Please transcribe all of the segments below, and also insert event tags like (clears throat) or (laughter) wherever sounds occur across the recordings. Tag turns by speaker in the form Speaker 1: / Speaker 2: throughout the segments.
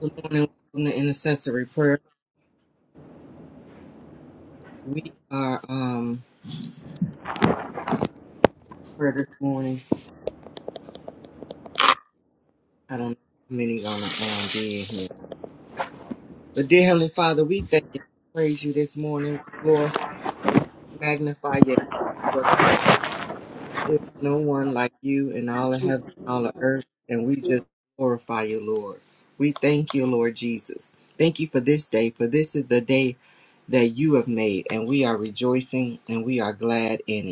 Speaker 1: Good morning, welcome to intercessory prayer. We are um prayer this morning. I don't know how many gonna um, be in here. But dear Heavenly Father, we thank you, praise you this morning. We glorify magnify your name. There's no one like you in all of heaven, all of earth, and we just glorify you, Lord. We thank you, Lord Jesus. Thank you for this day, for this is the day that you have made, and we are rejoicing and we are glad in it.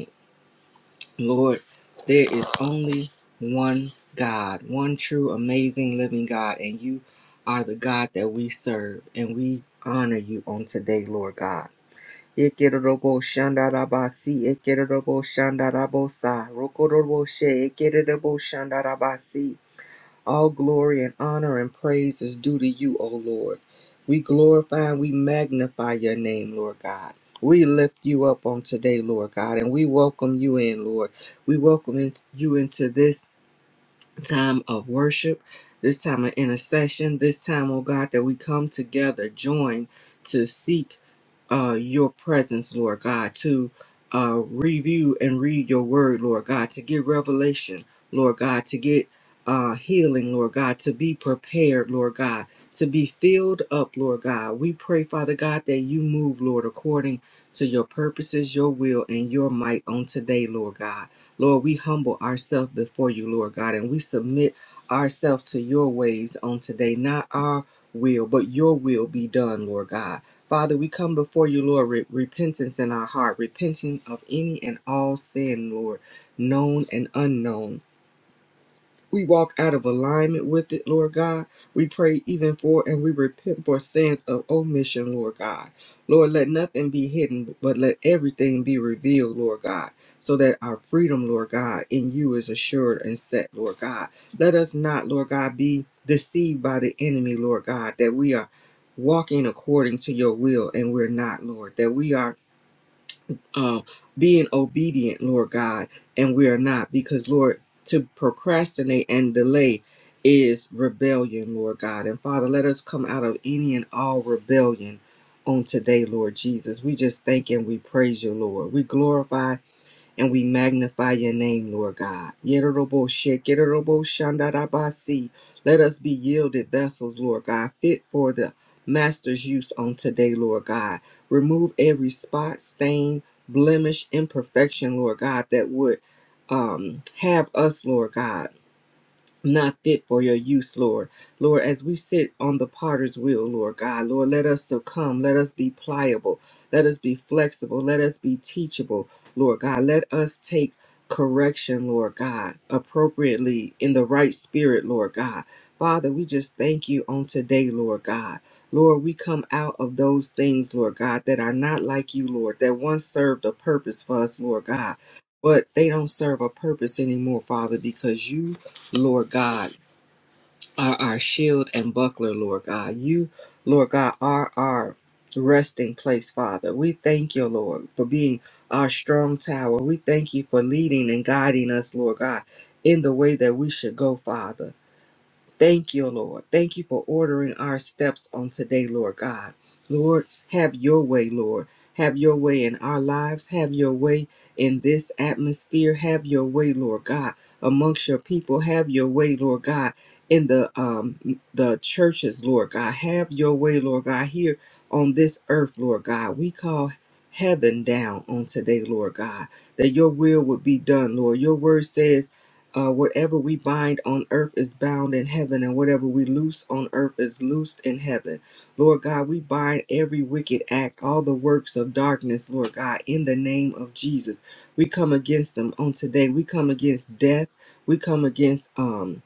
Speaker 1: Lord, there is only one God, one true, amazing, living God, and you are the God that we serve, and we honor you on today, Lord God. Ekerobo shandarabasi, ekerobo shandarabosai, rokoroboshe, ekerobo shandarabasi. All glory and honor and praise is due to you, O Lord. We glorify and we magnify your name, Lord God. We lift you up on today, Lord God, and we welcome you in, Lord. We welcome in- you into this time of worship, this time of intercession, this time, oh God, that we come together, join to seek uh, your presence, Lord God, to uh, review and read your word, Lord God, to get revelation, Lord God, to get uh, healing, Lord God, to be prepared, Lord God, to be filled up, Lord God. We pray, Father God, that you move, Lord, according to your purposes, your will, and your might on today, Lord God. Lord, we humble ourselves before you, Lord God, and we submit ourselves to your ways on today, not our will, but your will be done, Lord God. Father, we come before you, Lord, with repentance in our heart, repenting of any and all sin, Lord, known and unknown. We walk out of alignment with it, Lord God. We pray even for and we repent for sins of omission, Lord God. Lord, let nothing be hidden, but let everything be revealed, Lord God, so that our freedom, Lord God, in you is assured and set, Lord God. Let us not, Lord God, be deceived by the enemy, Lord God, that we are walking according to your will and we're not, Lord, that we are uh, being obedient, Lord God, and we are not because, Lord, to procrastinate and delay is rebellion, Lord God. And Father, let us come out of any and all rebellion on today, Lord Jesus. We just thank and we praise you, Lord. We glorify and we magnify your name, Lord God. Yerobo-she, Kerorobo-shandarabasi. Let us be yielded vessels, Lord God, fit for the Master's use on today, Lord God. Remove every spot, stain, blemish, imperfection, Lord God, that would um, have us, Lord God not fit for your use, Lord. Lord, as we sit on the potter's wheel, Lord God, Lord, let us succumb. Let us be pliable. Let us be flexible. Let us be teachable, Lord God. Let us take correction, Lord God, appropriately in the right spirit, Lord God. Father, we just thank you on today, Lord God. Lord, we come out of those things, Lord God, that are not like you, Lord, that once served a purpose for us, Lord God. But they don't serve a purpose anymore, Father, because you Lord God, are our shield and buckler, Lord God. You, Lord God, are our resting place, Father. We thank you, Lord, for being our strong tower. We thank you for leading and guiding us, Lord God, in the way that we should go, Father. Thank you, Lord. Thank you for ordering our steps on today, Lord God. Lord, have your way, Lord. Have your way in our lives. Have your way in this atmosphere. Have your way, Lord God, amongst your people. Have your way, Lord God, in the um the churches, Lord God. Have your way, Lord God, here on this earth, Lord God. We call heaven down on today, Lord God, that your will would be done, Lord. Your word says uh, whatever we bind on earth is bound in heaven, and whatever we loose on earth is loosed in heaven. Lord God, we bind every wicked act, all the works of darkness, Lord God, in the name of Jesus. We come against them on today. We come against death. We come against um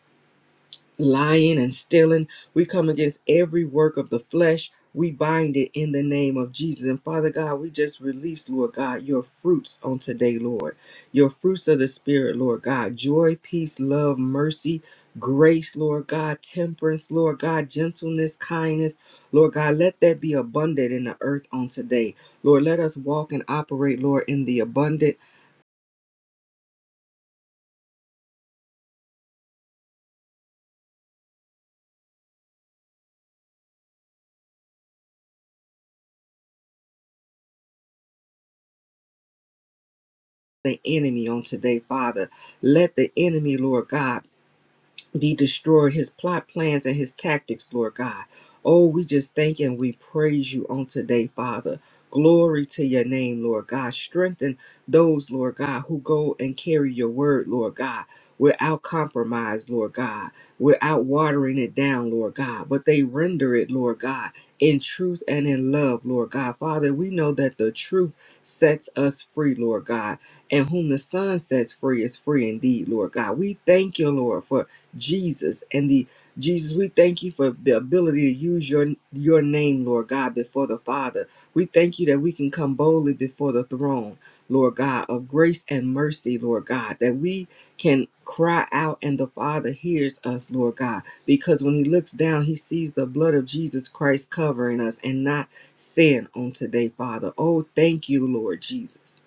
Speaker 1: lying and stealing. We come against every work of the flesh. We bind it in the name of Jesus. And Father God, we just release, Lord God, your fruits on today, Lord. Your fruits of the Spirit, Lord God. Joy, peace, love, mercy, grace, Lord God. Temperance, Lord God. Gentleness, kindness, Lord God. Let that be abundant in the earth on today. Lord, let us walk and operate, Lord, in the abundant, the enemy on today, Father. Let the enemy, Lord God, be destroyed, his plot plans and his tactics, Lord God. Oh, we just thank and we praise you on today, Father. Glory to your name, Lord God. Strengthen those, Lord God, who go and carry your word, Lord God, without compromise, Lord God, without watering it down, Lord God, but they render it, Lord God, in truth and in love, Lord God. Father, we know that the truth sets us free, Lord God, and whom the Son sets free is free indeed, Lord God. We thank you, Lord, for Jesus and the Jesus, we thank you for the ability to use your your name, Lord God, before the Father. We thank you that we can come boldly before the throne, Lord God, of grace and mercy, Lord God, that we can cry out and the Father hears us, Lord God, because when he looks down, he sees the blood of Jesus Christ covering us and not sin on today, Father. Oh, thank you, Lord Jesus.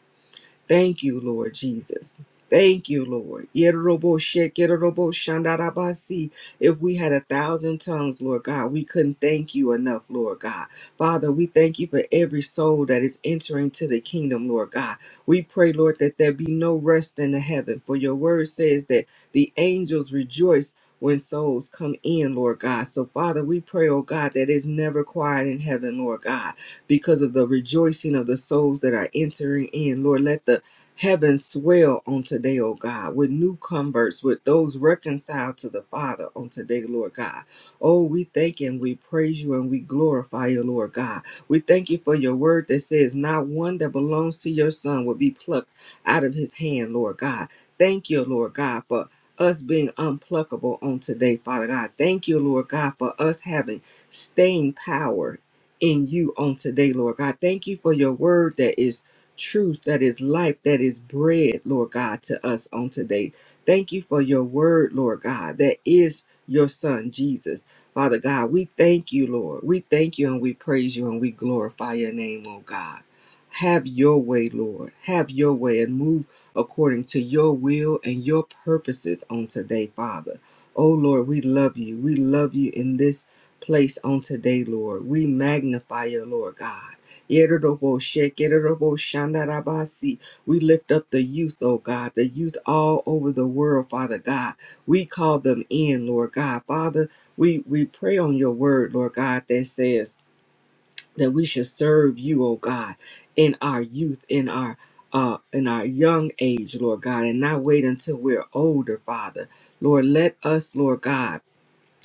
Speaker 1: Thank you, Lord Jesus. Thank you, Lord. Yerobo-she, kerorobo-shandarabasi. If we had a thousand tongues, Lord God, we couldn't thank you enough, Lord God. Father, we thank you for every soul that is entering to the kingdom, Lord God. We pray, Lord, that there be no rest in the heaven, for your word says that the angels rejoice when souls come in, Lord God. So, Father, we pray, oh God, that it's never quiet in heaven, Lord God because of the rejoicing of the souls that are entering in. Lord, let the heavens swell on today, oh God, with new converts, with those reconciled to the Father on today, Lord God. Oh, we thank and we praise you and we glorify you, Lord God. We thank you for your word that says, Not one that belongs to your Son will be plucked out of his hand, Lord God. Thank you, Lord God, for us being unpluckable on today, Father God. Thank you, Lord God, for us having staying power in you on today, Lord God. Thank you for your word that is truth, that is life, that is bread, Lord God, to us on today. Thank you for your word, Lord God, that is your son, Jesus. Father God, we thank you, Lord. We thank you and we praise you and we glorify your name, oh God. Have your way, Lord. Have your way and move according to your will and your purposes on today, Father. Oh Lord, we love you. We love you in this place on today, Lord. We magnify you, Lord God. Yerodoboshek, yerodoboshandarabasi. We lift up the youth, oh God, the youth all over the world, Father God. We call them in, Lord God. Father, we, we pray on your word, Lord God, that says that we should serve you, oh God, in our youth, in our uh, in our young age, Lord God, and not wait until we're older, Father. Lord, let us, Lord God,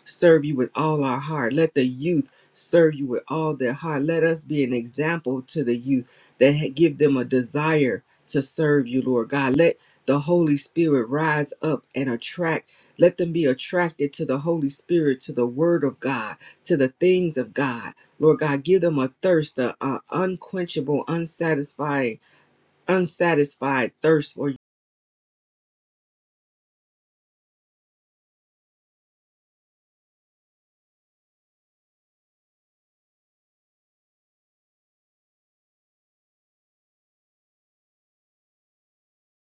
Speaker 1: serve you with all our heart. Let the youth serve you with all their heart. Let us be an example to the youth that ha- give them a desire to serve you, Lord God. Let the Holy Spirit rise up and attract. Let them be attracted to the Holy Spirit, to the Word of God, to the things of God. Lord God, give them a thirst, a, a unquenchable, unsatisfying, unsatisfied thirst for you.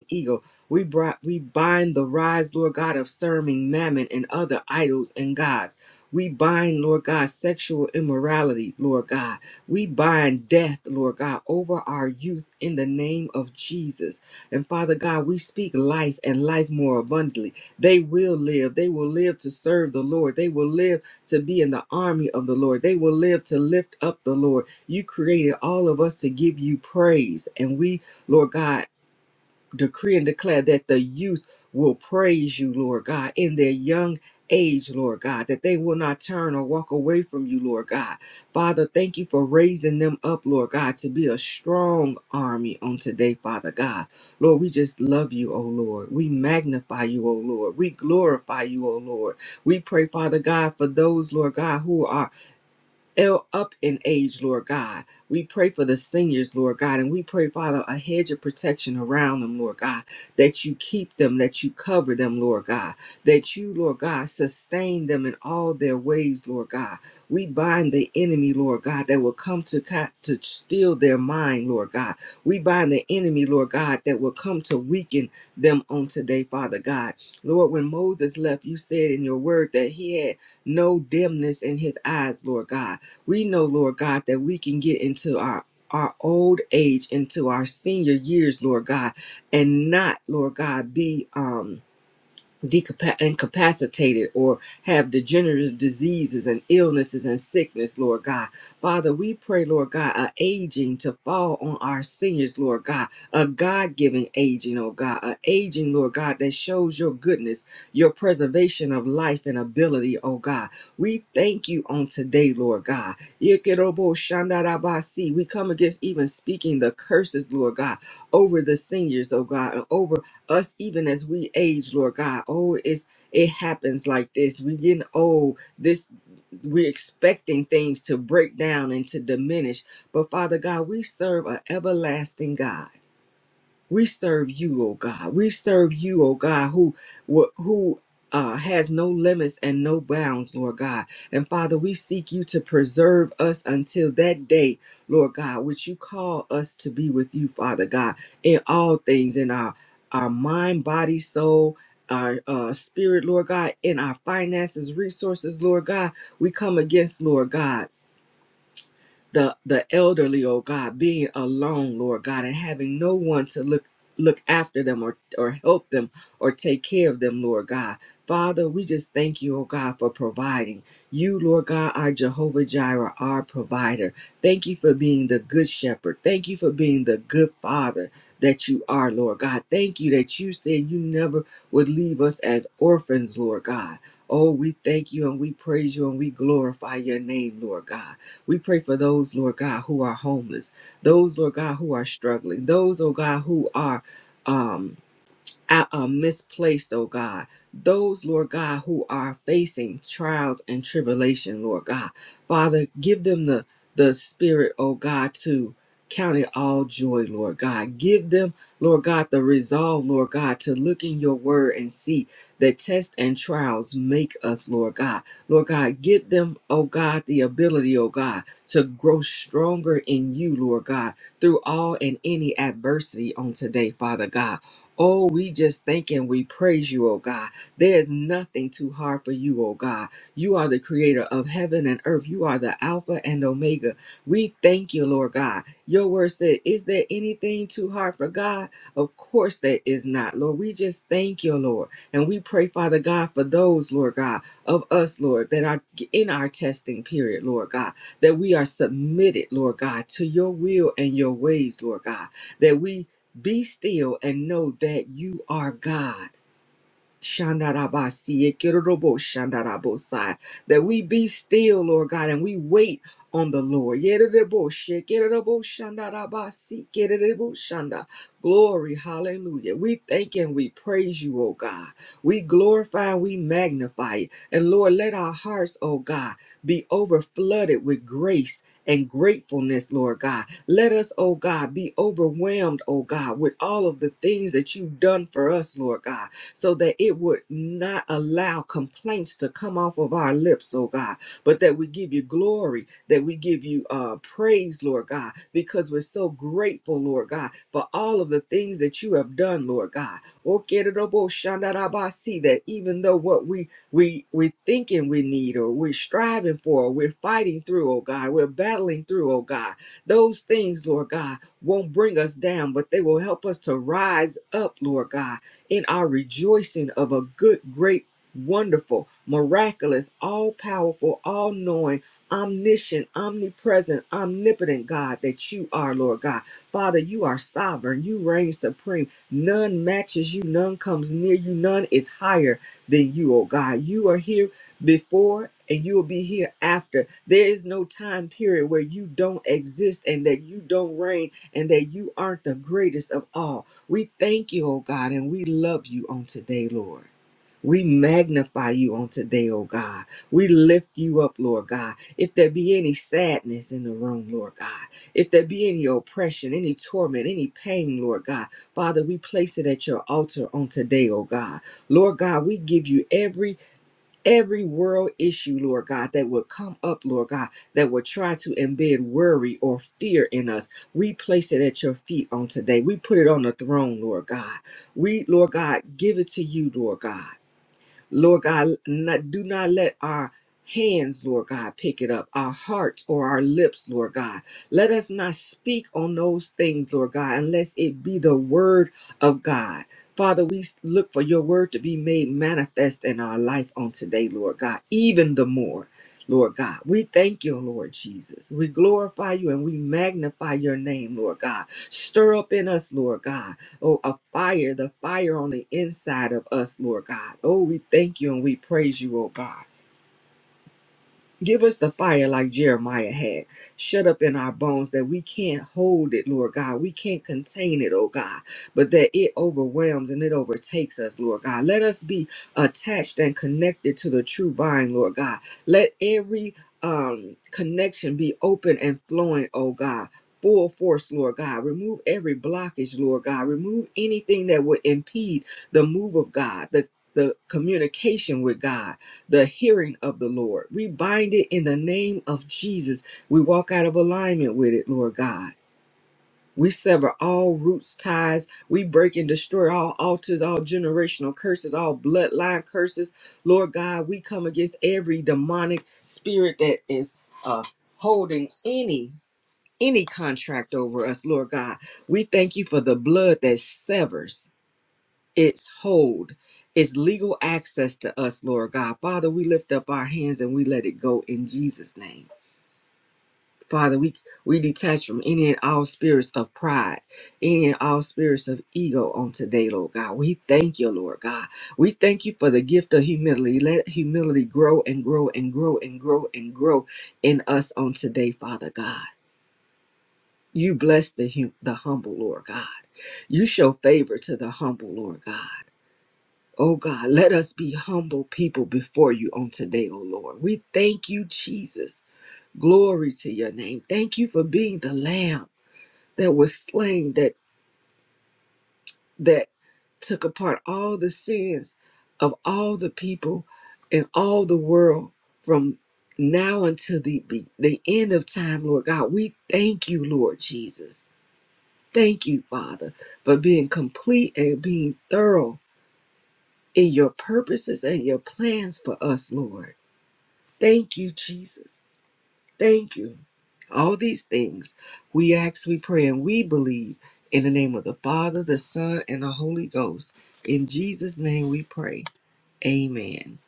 Speaker 1: eagle. We brought, we bind the rise, Lord God, of serving mammon and other idols and gods. We bind, Lord God, sexual immorality, Lord God. We bind death, Lord God, over our youth in the name of Jesus. And Father God, we speak life and life more abundantly. They will live. They will live to serve the Lord. They will live to be in the army of the Lord. They will live to lift up the Lord. You created all of us to give you praise. And we, Lord God, decree and declare that the youth will praise you, Lord God, in their young age, Lord God, that they will not turn or walk away from you, Lord God. Father, thank you for raising them up, Lord God, to be a strong army on today, Father God. Lord, we just love you, O Lord. We magnify you, O Lord. We glorify you, O Lord. We pray, Father God, for those, Lord God, who are ill up in age, Lord God. We pray for the seniors, Lord God, and we pray, Father, a hedge of protection around them, Lord God, that you keep them, that you cover them, Lord God, that you, Lord God, sustain them in all their ways, Lord God. We bind the enemy, Lord God, that will come to co- to steal their mind, Lord God. We bind the enemy, Lord God, that will come to weaken them on today, Father God. Lord, when Moses left, you said in your word that he had no dimness in his eyes, Lord God. We know, Lord God, that we can get into our our old age into our senior years, Lord God, and not, Lord God, be um decapa- incapacitated or have degenerative diseases and illnesses and sickness, Lord God. Father, we pray, Lord God, a aging to fall on our seniors, Lord God, a God giving aging, oh God, a aging, Lord God, that shows your goodness, your preservation of life and ability, oh God. We thank you on today, Lord God. Yekerobo shandarabasi. We come against even speaking the curses, Lord God, over the seniors, oh God, and over us even as we age, Lord God. Oh, it's it happens like this. We getting old. This we're expecting things to break down and to diminish. But Father God, we serve an everlasting God. We serve you, O God. We serve you, O God, who wh- who uh, has no limits and no bounds, Lord God. And Father, we seek you to preserve us until that day, Lord God, which you call us to be with you, Father God, in all things, in our our mind, body, soul, our uh, spirit, Lord God, in our finances, resources, Lord God. We come against, Lord God the the elderly, oh God, being alone, Lord God, and having no one to look look after them or or help them or take care of them, Lord God. Father, we just thank you, oh God, for providing. You, Lord God, are Jehovah Jireh, our provider. Thank you for being the good shepherd. Thank you for being the good father that you are, Lord God. Thank you that you said you never would leave us as orphans, Lord God. Oh, we thank you and we praise you and we glorify your name, Lord God. We pray for those, Lord God, who are homeless, those, Lord God, who are struggling, those, oh God, who are. Um, uh, uh, misplaced, oh God. Those, Lord God, who are facing trials and tribulation, Lord God. Father, give them the, the spirit, oh God, to count it all joy, Lord God. Give them, Lord God, the resolve, Lord God, to look in your word and see that tests and trials make us, Lord God. Lord God, give them, oh God, the ability, oh God, to grow stronger in you, Lord God, through all and any adversity on today, Father God. Oh, we just thank and we praise you, oh God. There is nothing too hard for you, oh God. You are the creator of heaven and earth. You are the Alpha and Omega. We thank you, Lord God. Your word said, Is there anything too hard for God? Of course there is not, Lord. We just thank you, Lord. And we pray, Father God, for those, Lord God, of us, Lord, that are in our testing period, Lord God, that we are submitted, Lord God, to your will and your ways, Lord God, that we be still and know that you are God. Shandarabasi, Ekerorobo Shandarabosai, that we be still, Lord God, and we wait on the Lord. Yererebo she, Ekerorobo Shandarabasi, Ekerorobo Shanda. Glory, hallelujah. We thank and we praise you, O God. We glorify and we magnify you. And Lord, let our hearts, O God, be overflooded with grace. And gratefulness, Lord God. Let us, O God, be overwhelmed, O God, with all of the things that you've done for us, Lord God so that it would not allow complaints to come off of our lips, oh God, but that we give you glory, that we give you uh, praise, Lord God, because we're so grateful, Lord God, for all of the things that you have done, Lord God. Okeroboshandarabasi, That even though what we we we thinking we need or we're striving for, or we're fighting through, oh God, we're battling through, oh God, those things, Lord God, won't bring us down, but they will help us to rise up, Lord God, in our rejoicing of a good, great, wonderful, miraculous, all powerful, all knowing, omniscient, omnipresent, omnipotent God that you are, Lord God. Father, you are sovereign. You reign supreme. None matches you. None comes near you. None is higher than you, oh God. You are here before and you will be here after. There is no time period where you don't exist and that you don't reign and that you aren't the greatest of all. We thank you, O God, and we love you on today, Lord. We magnify you on today, O God. We lift you up, Lord God. If there be any sadness in the room, Lord God, if there be any oppression, any torment, any pain, Lord God, Father, we place it at your altar on today, O God. Lord God, we give you every every world issue, Lord God, that would come up, Lord God, that would try to embed worry or fear in us. We place it at your feet on today. We put it on the throne, Lord God. We, Lord God, give it to you, Lord God. Lord God, not, do not let our hands, Lord God, pick it up, our hearts or our lips, Lord God. Let us not speak on those things, Lord God, unless it be the word of God. Father, we look for your word to be made manifest in our life on today, Lord God, even the more. Lord God, we thank you, Lord Jesus. We glorify you and we magnify your name, Lord God. Stir up in us, Lord God oh, a fire, the fire on the inside of us, Lord God. Oh, we thank you and we praise you, oh God. Give us the fire like Jeremiah had, shut up in our bones that we can't hold it, Lord God. We can't contain it, oh God, but that it overwhelms and it overtakes us, Lord God. Let us be attached and connected to the true vine, Lord God. Let every um, connection be open and flowing, oh God. Full force, Lord God. Remove every blockage, Lord God. Remove anything that would impede the move of God, the the communication with God the hearing of the Lord. We bind it in the name of Jesus. We walk out of alignment with it, Lord God. We sever all roots, ties. We break and destroy all altars, all generational curses, all bloodline curses. Lord God, we come against every demonic spirit that is uh, holding any any contract over us, Lord God. We thank you for the blood that severs its hold, its legal access to us, Lord God. Father, we lift up our hands and we let it go in Jesus' name. Father, we, we detach from any and all spirits of pride, any and all spirits of ego on today, Lord God. We thank you, Lord God. We thank you for the gift of humility. Let humility grow and grow and grow and grow and grow in us on today, Father God. You bless the, hum- the humble, Lord God. You show favor to the humble, Lord God. Oh God, let us be humble people before you on today, oh Lord. We thank you, Jesus. Glory to your name. Thank you for being the lamb that was slain that that took apart all the sins of all the people and all the world from now until the be- the end of time, Lord God. We thank you, Lord Jesus. Thank you, Father, for being complete and being thorough in your purposes and your plans for us, Lord. Thank you, Jesus. Thank you. All these things we ask, we pray, and we believe in the name of the Father, the Son, and the Holy Ghost. In Jesus' name we pray. Amen.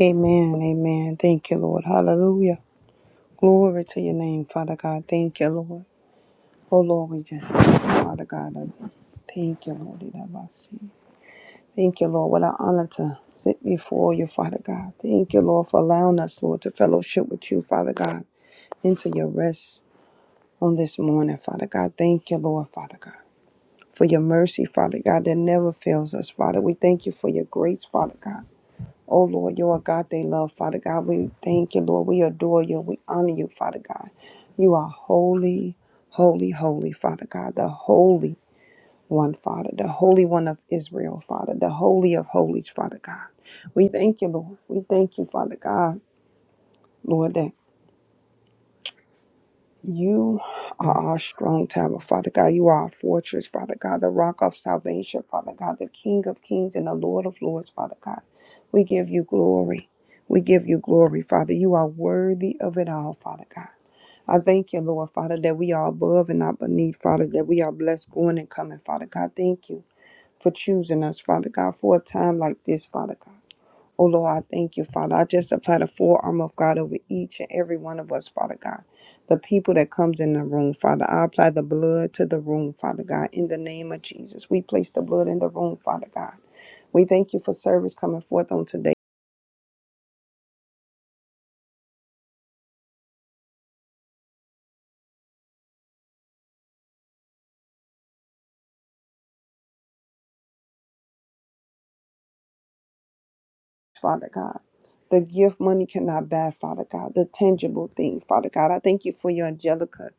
Speaker 2: Amen. Amen. Thank you, Lord. Hallelujah. Glory to your name, Father God. Thank you, Lord. Oh, Lord, we just Father God. I Thank you, Lord. that I might see. Thank you, Lord. What an honor to sit before you, Father God. Thank you, Lord, for allowing us, Lord, to fellowship with you, Father God, into your rest on this morning, Father God. Thank you, Lord, Father God, for your mercy, Father God, that never fails us, Father. We thank you for your grace, Father God. Oh Lord, you are God they love, Father God. We thank you, Lord. We adore you. We honor you, Father God. You are holy, holy, holy, Father God, the holy one, Father, the holy one of Israel, Father, the holy of holies, Father God. We thank you, Lord. We thank you, Father God, Lord, that You are our strong tower, Father God. You are our fortress, Father God, the rock of salvation, Father God, the King of kings and the Lord of lords, Father God. We give you glory. We give you glory, Father. You are worthy of it all, Father God. I thank you, Lord, Father, that we are above and not beneath, Father, that we are blessed going and coming, Father God. Thank you for choosing us, Father God, for a time like this, Father God. Oh Lord, I thank you, Father. I just apply the full armor of God over each and every one of us, Father God. The people that comes in the room, Father, I apply the blood to the room, Father God. In the name of Jesus, we place the blood in the room, Father God. We thank you for service coming forth on today, Father God. The gift money cannot buy, Father God. The tangible thing, Father God. I thank you for your angelica,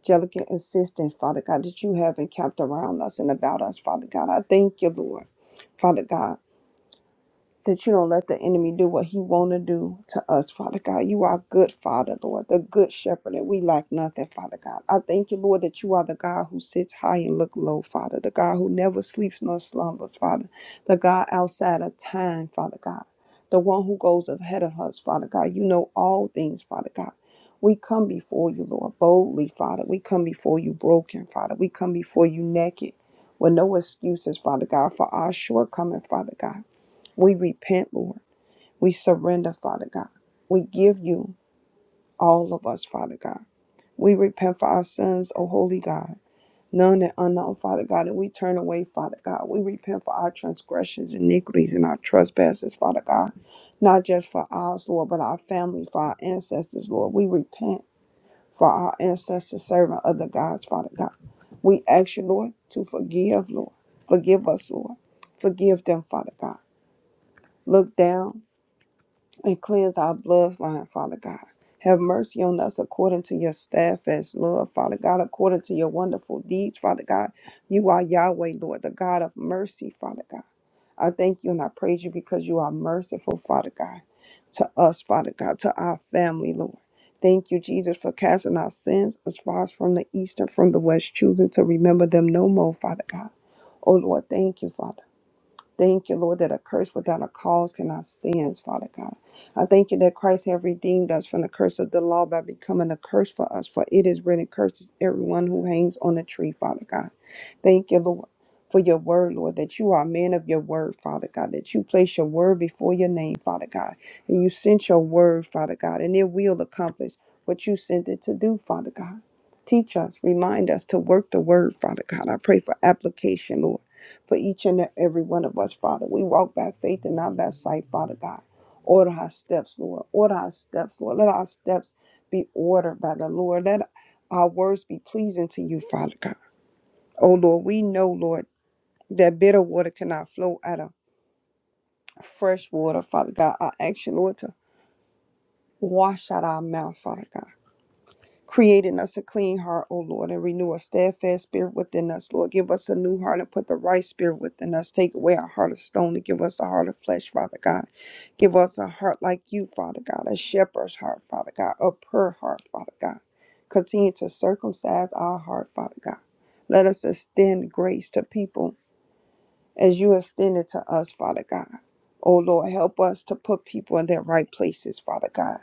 Speaker 2: angelica assistance, Father God, that you have encamped around us and about us, Father God. I thank you, Lord, Father God. that you don't let the enemy do what he want to do to us, Father God. You are good, Father, Lord, the good shepherd, and we lack nothing, Father God. I thank you, Lord, that you are the God who sits high and look low, Father, the God who never sleeps nor slumbers, Father, the God outside of time, Father God, the one who goes ahead of us, Father God. You know all things, Father God. We come before you, Lord, boldly, Father. We come before you broken, Father. We come before you naked with no excuses, Father God, for our shortcoming, Father God. We repent, Lord. We surrender, Father God. We give you all of us, Father God. We repent for our sins, O holy God, known and unknown, Father God, and we turn away, Father God. We repent for our transgressions, iniquities, and our trespasses, Father God. Not just for ours, Lord, but our family, for our ancestors, Lord. We repent for our ancestors serving other gods, Father God. We ask you, Lord, to forgive, Lord. Forgive us, Lord. Forgive them, Father God. Look down and cleanse our bloodline, Father God. Have mercy on us according to your steadfast love, Father God, according to your wonderful deeds, Father God. You are Yahweh, Lord, the God of mercy, Father God. I thank you and I praise you because you are merciful, Father God, to us, Father God, to our family, Lord. Thank you, Jesus, for casting our sins as far as from the east and from the west, choosing to remember them no more, Father God. Oh, Lord, thank you, Father. Thank you, Lord, that a curse without a cause cannot stand, Father God. I thank you that Christ has redeemed us from the curse of the law by becoming a curse for us, for it is written, curses everyone who hangs on the tree, Father God. Thank you, Lord, for your word, Lord, that you are a man of your word, Father God, that you place your word before your name, Father God, and you sent your word, Father God, and it will accomplish what you sent it to do, Father God. Teach us, remind us to work the word, Father God. I pray for application, Lord, for each and every one of us, Father. We walk by faith and not by sight, Father God. Order our steps, Lord. Order our steps, Lord. Let our steps be ordered by the Lord. Let our words be pleasing to you, Father God. Oh Lord, we know, Lord, that bitter water cannot flow out of fresh water, Father God. I ask you, Lord, to wash out our mouth, Father God. Create in us a clean heart, O Lord, and renew a steadfast spirit within us, Lord. Give us a new heart and put the right spirit within us. Take away our heart of stone and give us a heart of flesh, Father God. Give us a heart like you, Father God, a shepherd's heart, Father God, a pure heart, Father God. Continue to circumcise our heart, Father God. Let us extend grace to people as you extended to us, Father God. Oh Lord, help us to put people in their right places, Father God.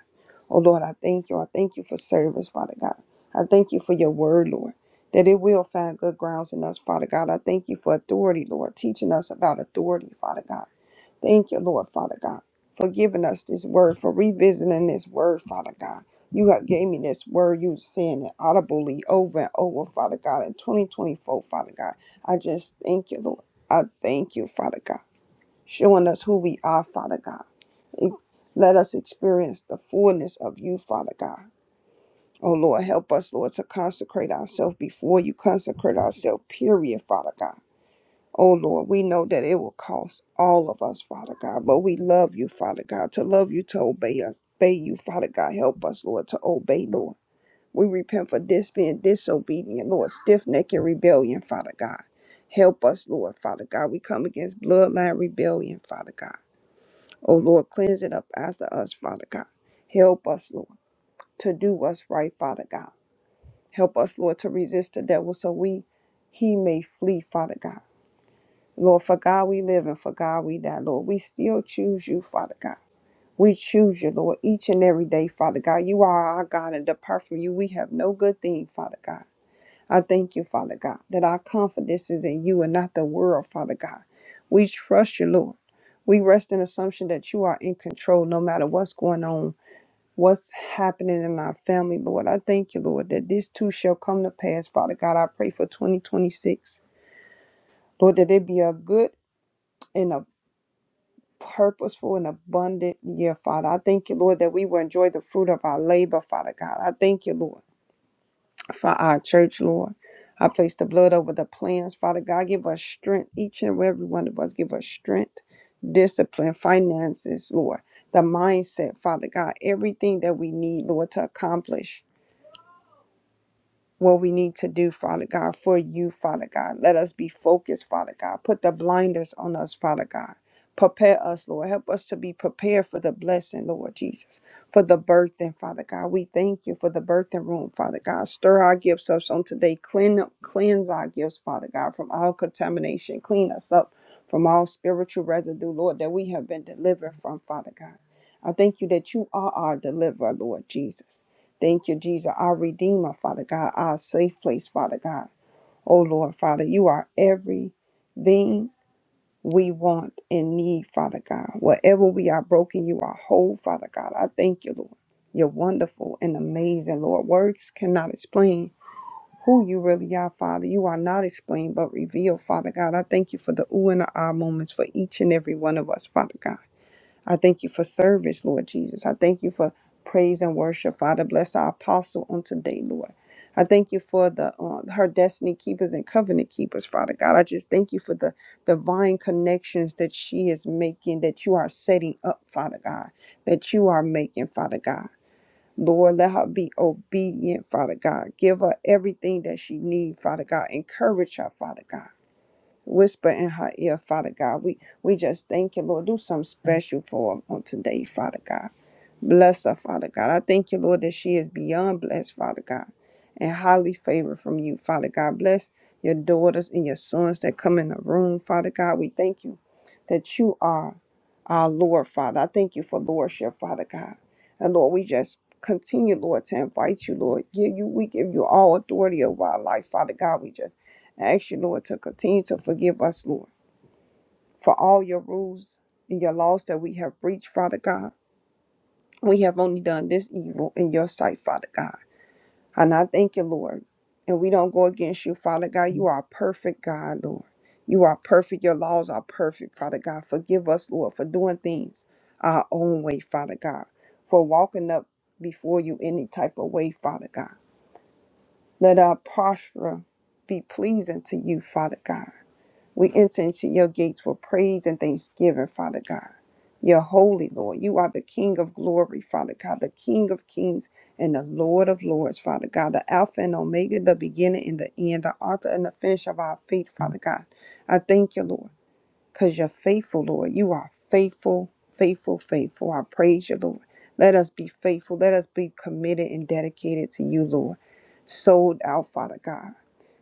Speaker 2: Oh Lord, I thank you. I thank you for service, Father God. I thank you for your word, Lord, that it will find good grounds in us, Father God. I thank you for authority, Lord, teaching us about authority, Father God. Thank you, Lord, Father God, for giving us this word, for revisiting this word, Father God. You have gave me this word. You saying it audibly over and over, Father God, in 2024, Father God. I just thank you, Lord. I thank you, Father God, showing us who we are, Father God. It- Let us experience the fullness of you, Father God. Oh, Lord, help us, Lord, to consecrate ourselves before you, consecrate ourselves, period, Father God. Oh Lord, we know that it will cost all of us, Father God, but we love you, Father God. To love you, to obey us, obey you, Father God. Help us, Lord, to obey, Lord. We repent for this being disobedient, Lord, stiff necked rebellion, Father God. Help us, Lord, Father God. We come against bloodline rebellion, Father God. Oh Lord, cleanse it up after us, Father God. Help us, Lord, to do what's right, Father God. Help us, Lord, to resist the devil so we he may flee, Father God. Lord, for God we live and for God we die, Lord. We still choose you, Father God. We choose you, Lord, each and every day, Father God. You are our God, and apart from you, we have no good thing, Father God. I thank you, Father God, that our confidence is in you and not the world, Father God. We trust you, Lord. We rest in assumption that you are in control no matter what's going on, what's happening in our family, Lord. I thank you, Lord, that this too shall come to pass, Father God. I pray for 2026. Lord, that it be a good and a purposeful and abundant year, Father. I thank you, Lord, that we will enjoy the fruit of our labor, Father God. I thank you, Lord, for our church, Lord. I place the blood over the plans, Father God. Give us strength, each and every one of us. Give us strength, discipline, finances, Lord. The mindset, Father God, everything that we need, Lord, to accomplish what we need to do, Father God, for you, Father God. Let us be focused, Father God. Put the blinders on us, Father God. Prepare us, Lord. Help us to be prepared for the blessing, Lord Jesus, for the birthing, Father God. We thank you for the birthing room, Father God. Stir our gifts up on today. Clean, cleanse our gifts, Father God, from all contamination. Clean us up from all spiritual residue, Lord, that we have been delivered from, Father God. I thank you that you are our deliverer, Lord Jesus. Thank you, Jesus, our Redeemer, Father God, our safe place, Father God. Oh, Lord, Father, you are everything we want and need, Father God. Wherever we are broken, you are whole, Father God. I thank you, Lord. You're wonderful and amazing, Lord. Words cannot explain who you really are, Father. You are not explained but revealed, Father God. I thank you for the ooh and the ah moments for each and every one of us, Father God. I thank you for service, Lord Jesus. I thank you for praise and worship. Father, bless our apostle on today, Lord. I thank you for the um, her destiny keepers and covenant keepers, Father God. I just thank you for the divine connections that she is making, that you are setting up, Father God, that you are making, Father God. Lord, let her be obedient, Father God. Give her everything that she needs, Father God. Encourage her, Father God whisper in her ear, Father God. We we just thank you, Lord. Do something special for her on today, Father God. Bless her, Father God. I thank you, Lord, that she is beyond blessed, Father God, and highly favored from you, Father God. Bless your daughters and your sons that come in the room, Father God. We thank you that you are our Lord, Father. I thank you for lordship, Father God. And Lord, we just continue, Lord, to invite you, Lord. Give you, we give you all authority over our life, Father God. We just ask you, Lord, to continue to forgive us, Lord, for all your rules and your laws that we have breached, Father God. We have only done this evil in your sight, Father God. And I thank you, Lord. And we don't go against you, Father God. You are a perfect, God, Lord. You are perfect. Your laws are perfect, Father God. Forgive us, Lord, for doing things our own way, Father God, for walking up before you any type of way, Father God. Let our posture be pleasing to you, Father God. We enter into your gates with praise and thanksgiving, Father God. You're holy, Lord. You are the King of glory, Father God, the King of kings and the Lord of lords, Father God, the Alpha and Omega, the beginning and the end, the author and the finish of our faith, Father God. I thank you, Lord, because you're faithful, Lord. You are faithful, faithful, faithful. I praise you, Lord. Let us be faithful. Let us be committed and dedicated to you, Lord. Sold out, Father God.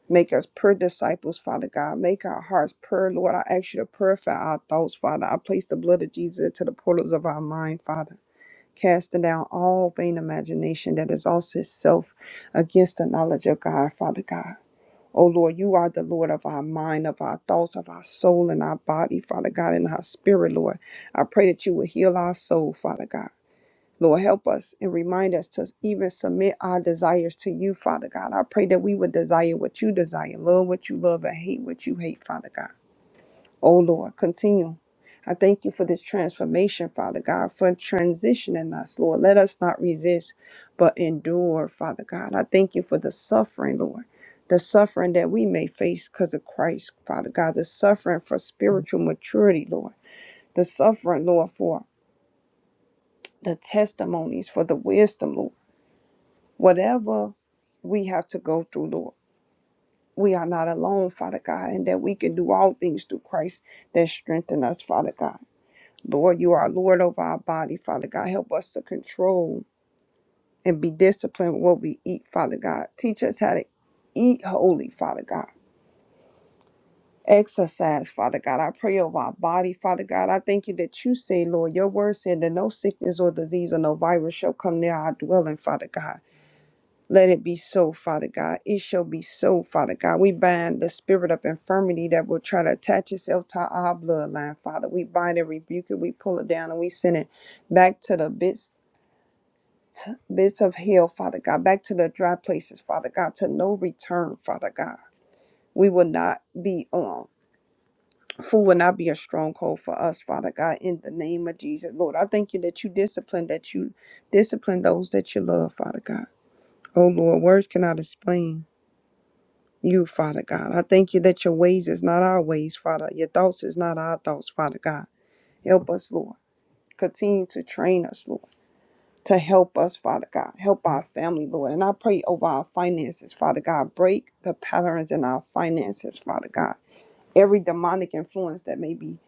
Speaker 2: Make us pure disciples, Father God. Make our hearts pure, Lord. I ask you to purify our thoughts, Father. I place the blood of Jesus into the portals of our mind, Father. Casting down all vain imagination that exalts itself against the knowledge of God, Father God. Oh Lord, you are the Lord of our mind, of our thoughts, of our soul, and our body, Father God, and our spirit, Lord. I pray that you will heal our soul, Father God. Lord, help us and remind us to even submit our desires to you, Father God. I pray that we would desire what you desire, love what you love, and hate what you hate, Father God. Oh, Lord, continue. I thank you for this transformation, Father God, for transitioning us, Lord. Let us not resist, but endure, Father God. I thank you for the suffering, Lord. The suffering that we may face because of Christ, Father God. The suffering for spiritual maturity, Lord. The suffering, Lord, for the testimonies, for the wisdom, Lord whatever we have to go through, Lord. We are not alone, Father God, and that we can do all things through Christ that strengthen us, Father God. Lord, you are Lord over our body, Father God. Help us to control and be disciplined with what we eat, Father God. Teach us how to eat holy, Father God. Exercise, Father God. I pray over our body, Father God. I thank you that you say, Lord, your word said that no sickness or disease or no virus shall come near our dwelling, Father God. Let it be so, Father God. It shall be so, Father God. We bind the spirit of infirmity that will try to attach itself to our bloodline, Father. We bind and rebuke it. We pull it down and we send it back to the bits. t- Bits of hell, Father God, back to the dry places, Father God, to no return, Father God. We will not be on. Food will not be a stronghold for us, Father God, in the name of Jesus. Lord, I thank you that you discipline, that you discipline those that you love, Father God. Oh Lord, words cannot explain you, Father God. I thank you that your ways is not our ways, Father. Your thoughts is not our thoughts, Father God. Help us, Lord. Continue to train us, Lord, to help us, Father God. Help our family, Lord. And I pray over our finances, Father God. Break the patterns in our finances, Father God. Every demonic influence that may be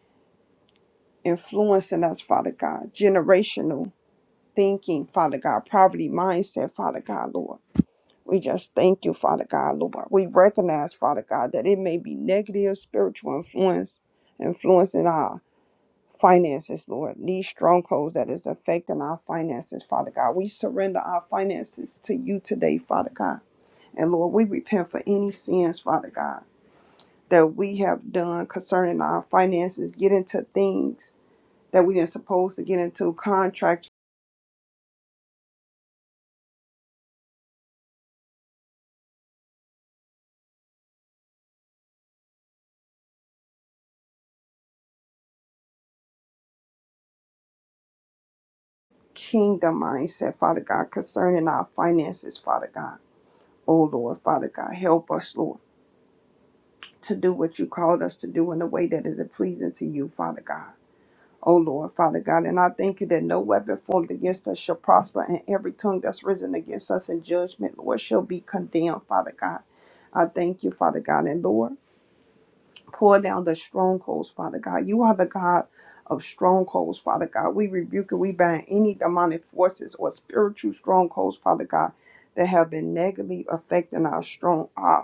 Speaker 2: influencing us, Father God. Generational thinking, Father God. Poverty mindset, Father God, Lord. We just thank you, Father God, Lord. We recognize, Father God, that it may be negative spiritual influence influencing our finances, Lord. These strongholds that is affecting our finances, Father God. We surrender our finances to you today, Father God. And Lord, we repent for any sins, Father God, that we have done concerning our finances, get into things that we didn't supposed to get into, contracts, kingdom mindset, Father God, concerning our finances, Father God. Oh Lord, Father God, help us, Lord, to do what you called us to do in a way that is pleasing to you, Father God. Oh Lord, Father God, and I thank you that no weapon formed against us shall prosper, and every tongue that's risen against us in judgment, Lord, shall be condemned, Father God. I thank you, Father God, and Lord, pour down the strongholds, Father God. You are the God of strongholds, Father God. We rebuke and we bind any demonic forces or spiritual strongholds, Father God, that have been negatively affecting our strong our,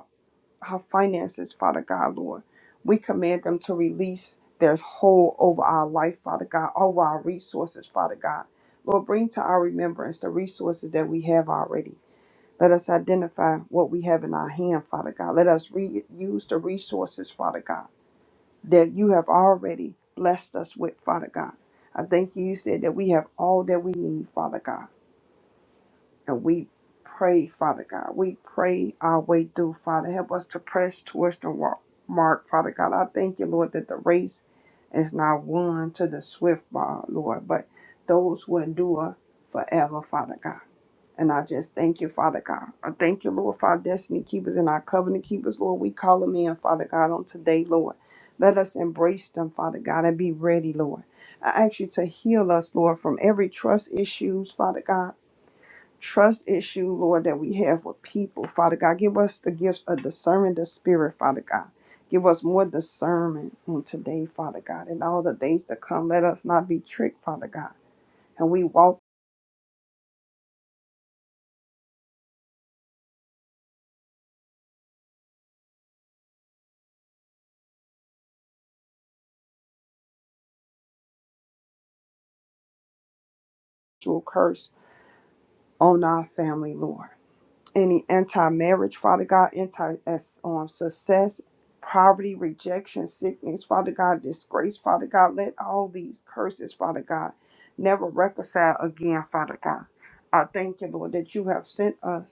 Speaker 2: our finances, Father God, Lord. We command them to release their hold over our life, Father God, over our resources, Father God. Lord, bring to our remembrance the resources that we have already. Let us identify what we have in our hand, Father God. Let us re- use the resources, Father God, that you have already blessed us with, Father God. I thank you. You said that we have all that we need, Father God. And we pray, Father God. We pray our way through, Father. Help us to press towards the wa- mark, Father God. I thank you, Lord, that the race is not won to the swift, uh, Lord, but those who endure forever, Father God. And I just thank you, Father God. I thank you, Lord, for our destiny keepers and our covenant keepers, Lord. We call them in, Father God, on today, Lord. Let us embrace them, Father God, and be ready, Lord. I ask you to heal us, Lord, from every trust issues, Father God trust issue, Lord, that we have with people. Father God, give us the gifts of discernment, the spirit, Father God. Give us more discernment on today, Father God, and all the days to come. Let us not be tricked, Father God. And we walk through a curse on our family, Lord. any anti-marriage, Father God, anti as, um, success, poverty, rejection, sickness, Father God, disgrace, Father God, let all these curses, Father God, never reconcile again, Father God. I thank you, Lord, that you have sent us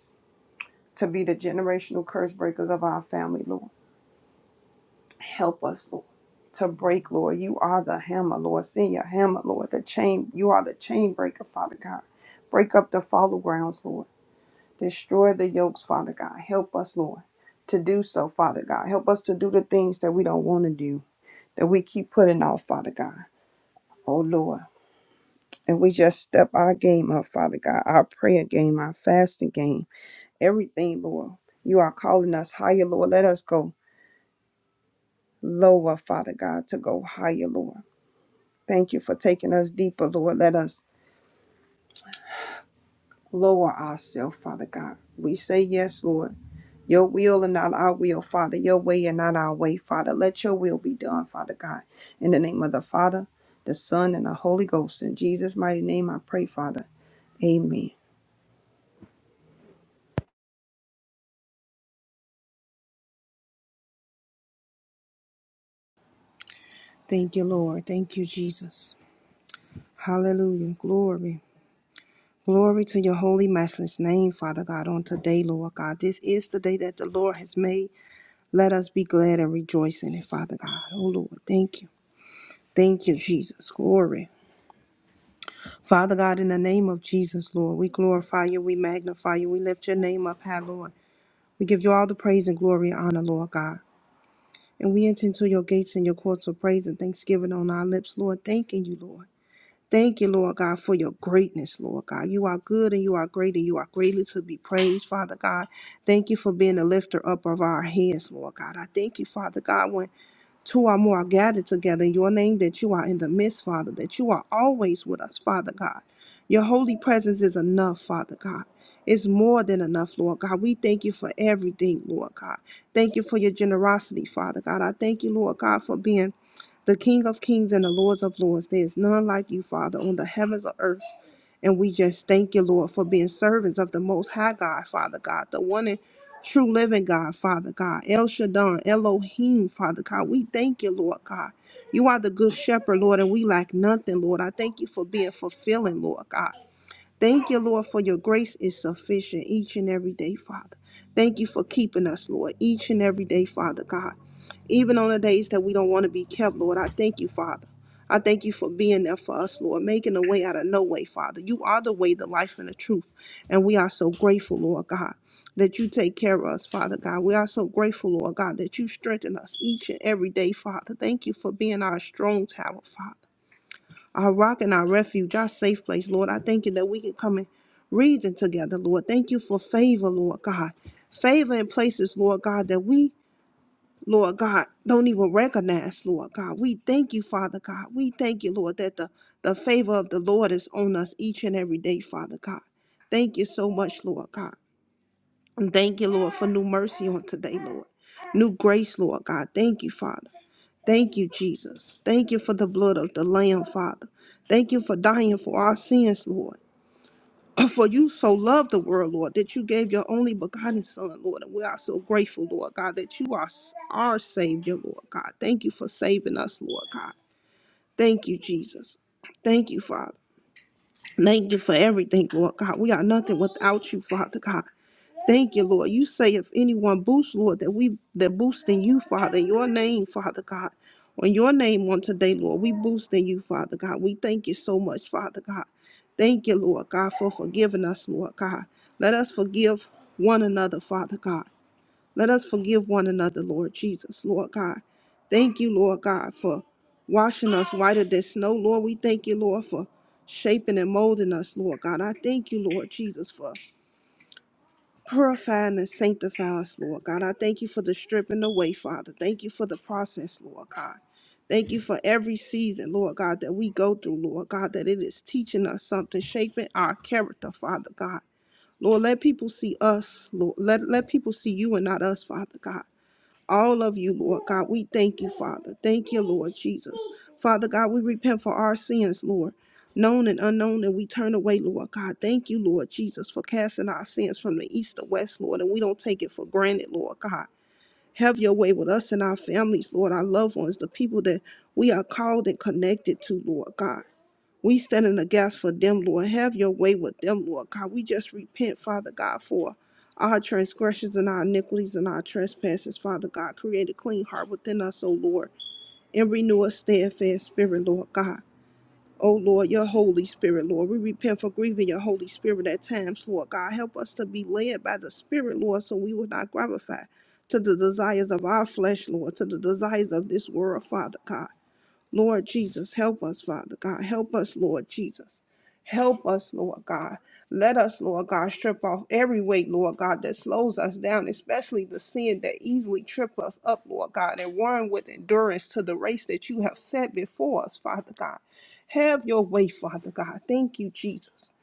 Speaker 2: to be the generational curse breakers of our family, Lord. Help us, Lord, to break, Lord. You are the hammer, Lord. Send your hammer, Lord. The chain, you are the chain breaker, Father God. Break up the follow grounds, Lord. Destroy the yokes, Father God. Help us, Lord, to do so, Father God. Help us to do the things that we don't want to do, that we keep putting off, Father God. Oh, Lord. And we just step our game up, Father God, our prayer game, our fasting game, everything, Lord. You are calling us higher, Lord. Let us go lower, Father God, to go higher, Lord. Thank you for taking us deeper, Lord. Let us lower ourselves, Father God. We say yes, Lord Your will and not our will, Father. Your way and not our way, Father. Let your will be done, Father God. In the name of the Father, the Son, and the Holy Ghost. In Jesus' mighty name I pray, Father. Amen.
Speaker 3: Thank you, Lord. Thank you, Jesus. Hallelujah. Glory. Glory to your holy, matchless name, Father God, on today, Lord God. This is the day that the Lord has made. Let us be glad and rejoice in it, Father God. Oh, Lord, thank you. Thank you, Jesus. Glory. Father God, in the name of Jesus, Lord, we glorify you, we magnify you, we lift your name up high, Lord. We give you all the praise and glory and honor, Lord God. And we enter into your gates and your courts of praise and thanksgiving on our lips, Lord, thanking you, Lord. Thank you, Lord God, for your greatness, Lord God. You are good and you are great and you are greatly to be praised, Father God. Thank you for being the lifter up of our heads, Lord God. I thank you, Father God, when two or more are gathered together in your name, that you are in the midst, Father, that you are always with us, Father God. Your holy presence is enough, Father God. It's more than enough, Lord God. We thank you for everything, Lord God. Thank you for your generosity, Father God. I thank you, Lord God, for being the King of Kings and the Lords of Lords. There is none like you, Father, on the heavens or earth. And we just thank you, Lord, for being servants of the Most High God, Father God, the one and true living God, Father God, El Shaddai, Elohim, Father God. We thank you, Lord God. You are the good shepherd, Lord, and we lack nothing, Lord. I thank you for being fulfilling, Lord God. Thank you, Lord, for your grace is sufficient each and every day, Father. Thank you for keeping us, Lord, each and every day, Father God even on the days that we don't want to be kept, Lord. I thank you, Father. I thank you for being there for us, Lord, making a way out of no way, Father. You are the way, the life, and the truth. And we are so grateful, Lord God, that you take care of us, Father God. We are so grateful, Lord God, that you strengthen us each and every day, Father. Thank you for being our strong tower, Father, our rock and our refuge, our safe place, Lord. I thank you that we can come and reason together, Lord. Thank you for favor, Lord God. Favor in places, Lord God, that we Lord God, don't even recognize, Lord God. We thank you, Father God. We thank you, Lord, that the, the favor of the Lord is on us each and every day, Father God. Thank you so much, Lord God. And thank you, Lord, for new mercy on today, Lord. New grace, Lord God. Thank you, Father. Thank you, Jesus. Thank you for the blood of the Lamb, Father. Thank you for dying for our sins, Lord. For you so loved the world, Lord, that you gave your only begotten Son, Lord. And we are so grateful, Lord God, that you are our Savior, Lord God. Thank you for saving us, Lord God. Thank you, Jesus. Thank you, Father. Thank you for everything, Lord God. We are nothing without you, Father God. Thank you, Lord. You say if anyone boosts, Lord, that we that boost in you, Father, in your name, Father God. On your name on today, Lord, we boost in you, Father God. We thank you so much, Father God. Thank you, Lord God, for forgiving us, Lord God. Let us forgive one another, Father God. Let us forgive one another, Lord Jesus, Lord God. Thank you, Lord God, for washing us whiter than snow, Lord. We thank you, Lord, for shaping and molding us, Lord God. I thank you, Lord Jesus, for Purifying and sanctify us, Lord God. I thank you for the stripping away, Father. Thank you for the process, Lord God. Thank you for every season, Lord God, that we go through, Lord God, that it is teaching us something, shaping our character, Father God. Lord, let people see us, Lord. Let, let people see you and not us, Father God all of you, Lord God. We thank you, Father. Thank you, Lord Jesus. Father God, we repent for our sins, Lord. Known and unknown, and we turn away, Lord God. Thank you, Lord Jesus, for casting our sins from the east to west, Lord, and we don't take it for granted, Lord God. Have your way with us and our families, Lord, our loved ones, the people that we are called and connected to, Lord God. We stand in the gas for them, Lord. Have your way with them, Lord God. We just repent, Father God, for our transgressions and our iniquities and our trespasses, Father God. Create a clean heart within us, O Lord, and renew a steadfast spirit, Lord God. O Lord, your Holy Spirit, Lord. We repent for grieving your Holy Spirit at times, Lord God. Help us to be led by the Spirit, Lord, so we will not gratify to the desires of our flesh, Lord, to the desires of this world, Father God. Lord Jesus, help us, Father God. Help us, Lord Jesus. Help us, Lord God. Let us, Lord God, strip off every weight, Lord God, that slows us down, especially the sin that easily trip us up, Lord God, and run with endurance to the race that you have set before us, Father God. Have your way, Father God. Thank you, Jesus.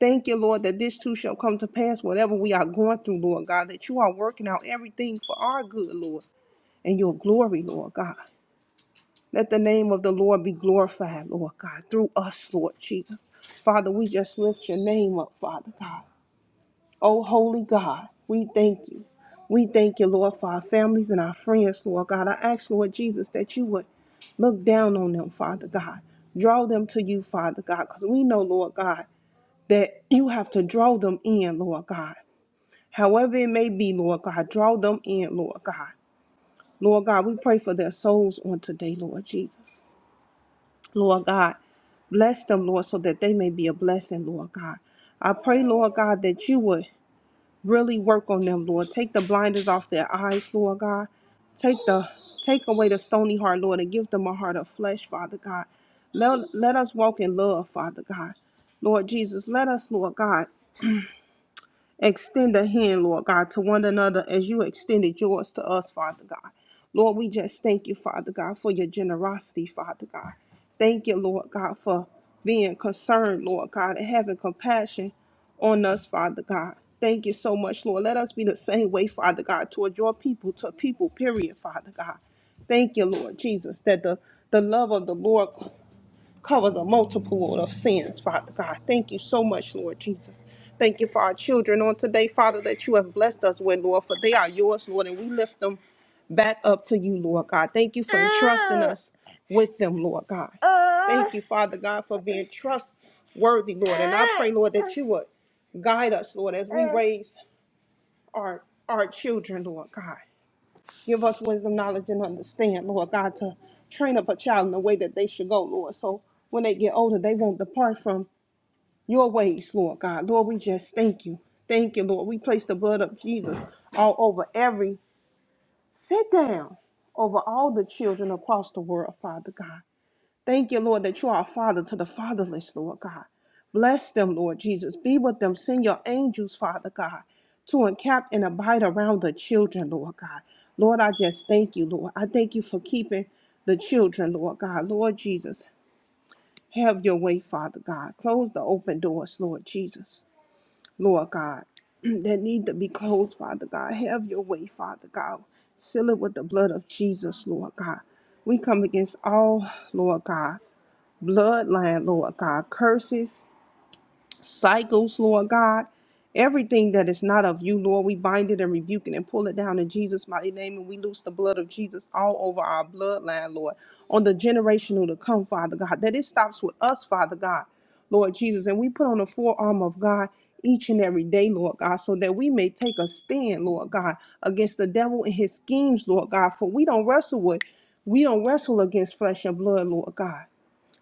Speaker 3: Thank you, Lord, that this too shall come to pass, whatever we are going through, Lord God, that you are working out everything for our good, Lord, and your glory, Lord God. Let the name of the Lord be glorified, Lord God, through us, Lord Jesus. Father, we just lift your name up, Father God. Oh, holy God, we thank you. We thank you, Lord, for our families and our friends, Lord God. I ask, Lord Jesus, that you would look down on them, Father God. Draw them to you, Father God, because we know, Lord God, that you have to draw them in, Lord God. However it may be, Lord God, draw them in, Lord God. Lord God, we pray for their souls on today, Lord Jesus. Lord God. Bless them, Lord, so that they may be a blessing, Lord God. I pray, Lord God, that you would really work on them, Lord. Take the blinders off their eyes, Lord God. Take the take away the stony heart, Lord, and give them a heart of flesh, Father God. Let, let us walk in love, Father God. Lord Jesus, let us, Lord God extend a hand, Lord God, to one another as you extended yours to us, Father God. Lord, we just thank you, Father God, for your generosity, Father God. Thank you, Lord God, for being concerned, Lord God, and having compassion on us, Father God. Thank you so much, Lord. Let us be the same way, Father God, toward your people, to people, period, Father God. Thank you, Lord Jesus, that the, the love of the Lord covers a multiple of sins, Father God. Thank you so much, Lord Jesus. Thank you for our children on today, Father, that you have blessed us with, Lord, for they are yours, Lord, and we lift them back up to you, Lord God. Thank you for entrusting us with them, Lord God. Thank you, Father God, for being trustworthy, Lord. And I pray, Lord, that you would guide us, Lord, as we raise our our children, Lord God. Give us wisdom, knowledge, and understand, Lord God, to train up a child in the way that they should go, Lord. So when they get older, they won't depart from your ways, Lord God. Lord, we just thank you. Thank you, Lord. We place the blood of Jesus all over every sit down over all the children across the world, Father God. Thank you, Lord, that you are a father to the fatherless, Lord God. Bless them, Lord Jesus. Be with them. Send your angels, Father God, to encamp and abide around the children, Lord God. Lord, I just thank you, Lord. I thank you for keeping the children, Lord God. Lord Jesus, have your way, Father God. Close the open doors, Lord Jesus, Lord God, (clears throat) that need to be closed, Father God. Have your way, Father God. Seal it with the blood of Jesus, Lord God. We come against all, Lord God bloodline, Lord God, curses, cycles, Lord God, everything that is not of you, Lord, we bind it and rebuke it and pull it down in Jesus' mighty name. And we loose the blood of Jesus all over our bloodline, Lord, on the generational to come, Father God, that it stops with us, Father God, Lord Jesus. And we put on the forearm of God. Each and every day, Lord God, so that we may take a stand, Lord God, against the devil and his schemes, Lord God. For we don't wrestle with, we don't wrestle against flesh and blood, Lord God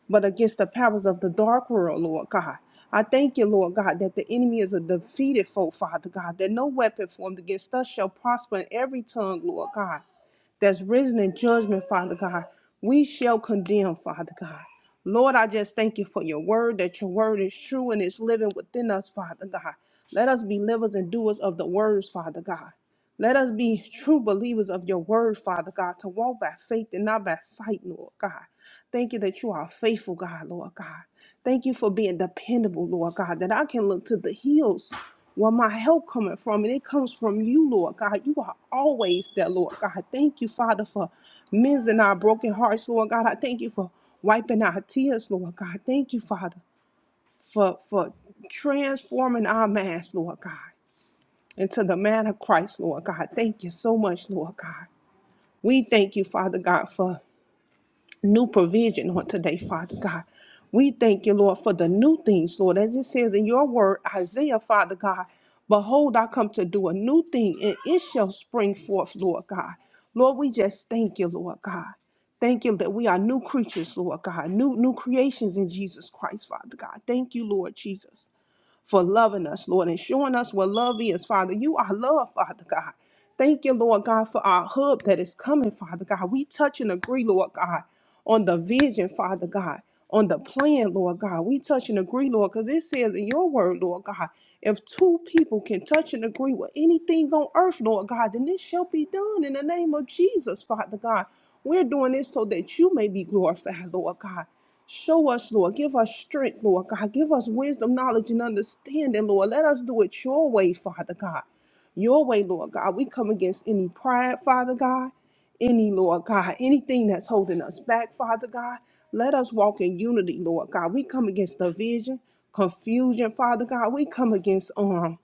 Speaker 3: but against the powers of the dark world, Lord God. I thank you, Lord God, that the enemy is a defeated foe, Father God, that no weapon formed against us shall prosper in every tongue, Lord God that's risen in judgment, Father God, we shall condemn, Father God. Lord, I just thank you for your word, that your word is true and it's living within us, Father God. Let us be livers and doers of the words, Father God. Let us be true believers of your word, Father God, to walk by faith and not by sight, Lord God. Thank you that you are faithful, God, Lord God. Thank you for being dependable, Lord God, that I can look to the hills where my help coming from, and it comes from you, Lord God. You are always there, Lord God. Thank you, Father, for mending our broken hearts, Lord God. I thank you for wiping our tears, Lord God. Thank you, Father, for for transforming our minds, Lord God, into the man of Christ, Lord God. Thank you so much, Lord God. We thank you, Father God, for new provision on today, Father God. We thank you, Lord, for the new things, Lord, as it says in your word, Isaiah, Father God. Behold, I come to do a new thing, and it shall spring forth, Lord God. Lord, we just thank you, Lord God. Thank you that we are new creatures, Lord God, new new creations in Jesus Christ, Father God. Thank you, Lord Jesus for loving us, Lord, and showing us what love is, Father. You are love, Father God. Thank you, Lord God, for our hub that is coming, Father God. We touch and agree, Lord God, on the vision, Father God, on the plan, Lord God. We touch and agree, Lord, because it says in your word, Lord God, if two people can touch and agree with anything on earth, Lord God, then this shall be done in the name of Jesus, Father God. We're doing this so that you may be glorified, Lord God. Show us, Lord. Give us strength, Lord God. Give us wisdom, knowledge, and understanding, Lord. Let us do it your way, Father God. Your way, Lord God. We come against any pride, Father God. Any, Lord God. Anything that's holding us back, Father God. Let us walk in unity, Lord God. We come against division, confusion, Father God. We come against um.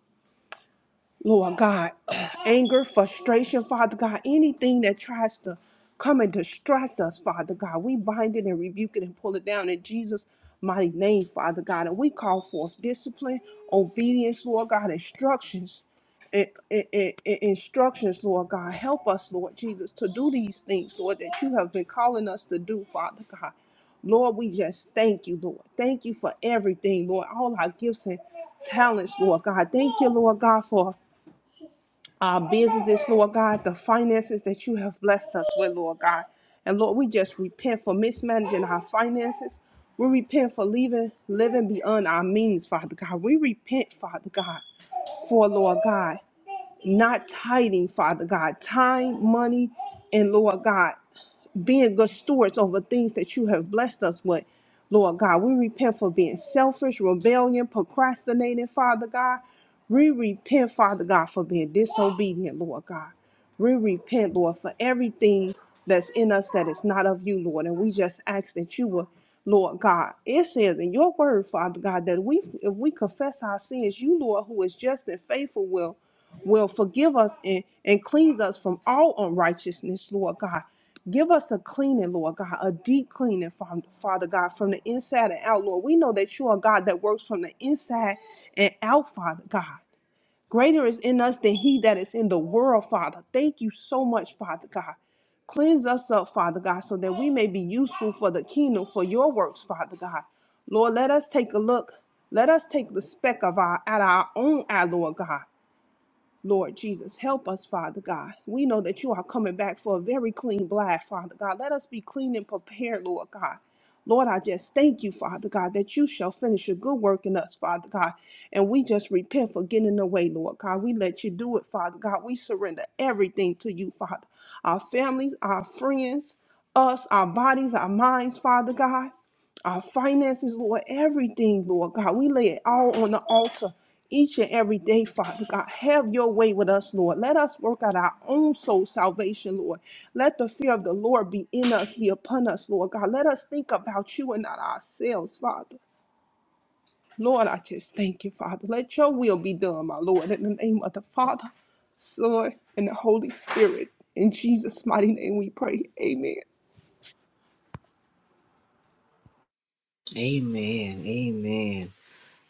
Speaker 3: Lord God, (clears throat) anger, frustration, Father God, anything that tries to come and distract us, Father God, we bind it and rebuke it and pull it down in Jesus' mighty name, Father God. And we call forth discipline, obedience, Lord God, instructions, i- i- i- i- instructions, Lord God. Help us, Lord Jesus, to do these things, Lord, that you have been calling us to do, Father God. Lord, we just thank you, Lord. Thank you for everything, Lord. All our gifts and talents, Lord God. Thank you, Lord God, for our businesses, Lord God, the finances that you have blessed us with, Lord God. And Lord, we just repent for mismanaging our finances. We repent for leaving, living beyond our means, Father God. We repent, Father God, for Lord God, not tithing, Father God, time, money, and Lord God being good stewards over things that you have blessed us with. Lord God, we repent for being selfish, rebellion, procrastinating, Father God. We repent, Father God, for being disobedient, Lord God. We repent, Lord, for everything that's in us that is not of you, Lord. And we just ask that you will, Lord God. It says in your word, Father God, that we if we confess our sins, you, Lord, who is just and faithful, will will forgive us and, and cleanse us from all unrighteousness, Lord God. Give us a cleaning, Lord God, a deep cleaning, Fa- Father God, from the inside and out, Lord. We know that you are God that works from the inside and out, Father God. Greater is in us than he that is in the world, Father. Thank you so much, Father God. Cleanse us up, Father God, so that we may be useful for the kingdom, for your works, Father God. Lord, let us take a look. Let us take the speck of our out of our own eye, Lord God. Lord Jesus, help us, Father God. We know that you are coming back for a very clean blast, Father God. Let us be clean and prepared, Lord God. Lord, I just thank you, Father God, that you shall finish your good work in us, Father God. And we just repent for getting in the way, Lord God. We let you do it, Father God. We surrender everything to you, Father. Our families, our friends, us, our bodies, our minds, Father God our finances, Lord, everything, Lord God. We lay it all on the altar each and every day, Father God. Have your way with us, Lord. Let us work out our own soul salvation, Lord. Let the fear of the Lord be in us, be upon us, Lord God. Let us think about you and not ourselves, Father. Lord, I just thank you, Father. Let your will be done, my Lord, in the name of the Father, Son, and the Holy Spirit. In Jesus' mighty name we pray. Amen.
Speaker 1: Amen. Amen.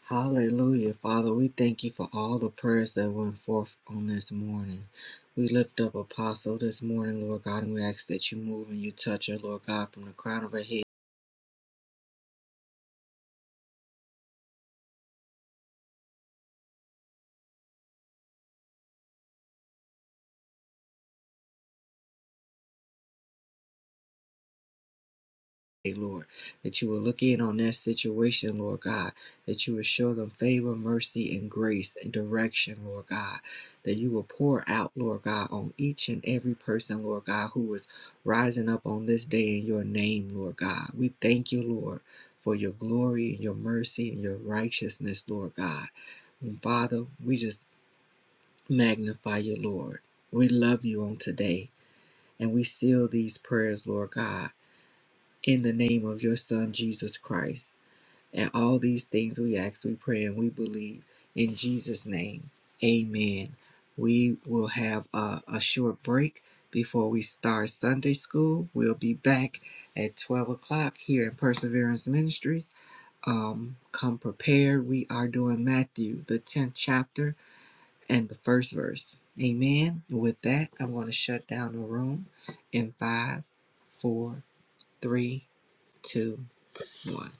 Speaker 1: Hallelujah. Father, we thank you for all the prayers that went forth on this morning. We lift up Apostle this morning, Lord God, and we ask that you move and you touch her, Lord God, from the crown of her head. Hey, Lord, that you will look in on that situation, Lord God, that you will show them favor, mercy, and grace and direction, Lord God, that you will pour out, Lord God, on each and every person, Lord God, who is rising up on this day in your name, Lord God. We thank you, Lord. For your glory and your mercy and your righteousness, Lord God. And Father, we just magnify you, Lord. We love you on today. And we seal these prayers, Lord God, in the name of your Son, Jesus Christ. And all these things we ask, we pray, and we believe in Jesus' name. Amen. We will have a, a short break before we start Sunday school. We'll be back at 12 o'clock here in Perseverance Ministries. Um, come prepared. We are doing Matthew, the 10th chapter, and the first verse. Amen. With that, I'm going to shut down the room in five, four, three, two, one.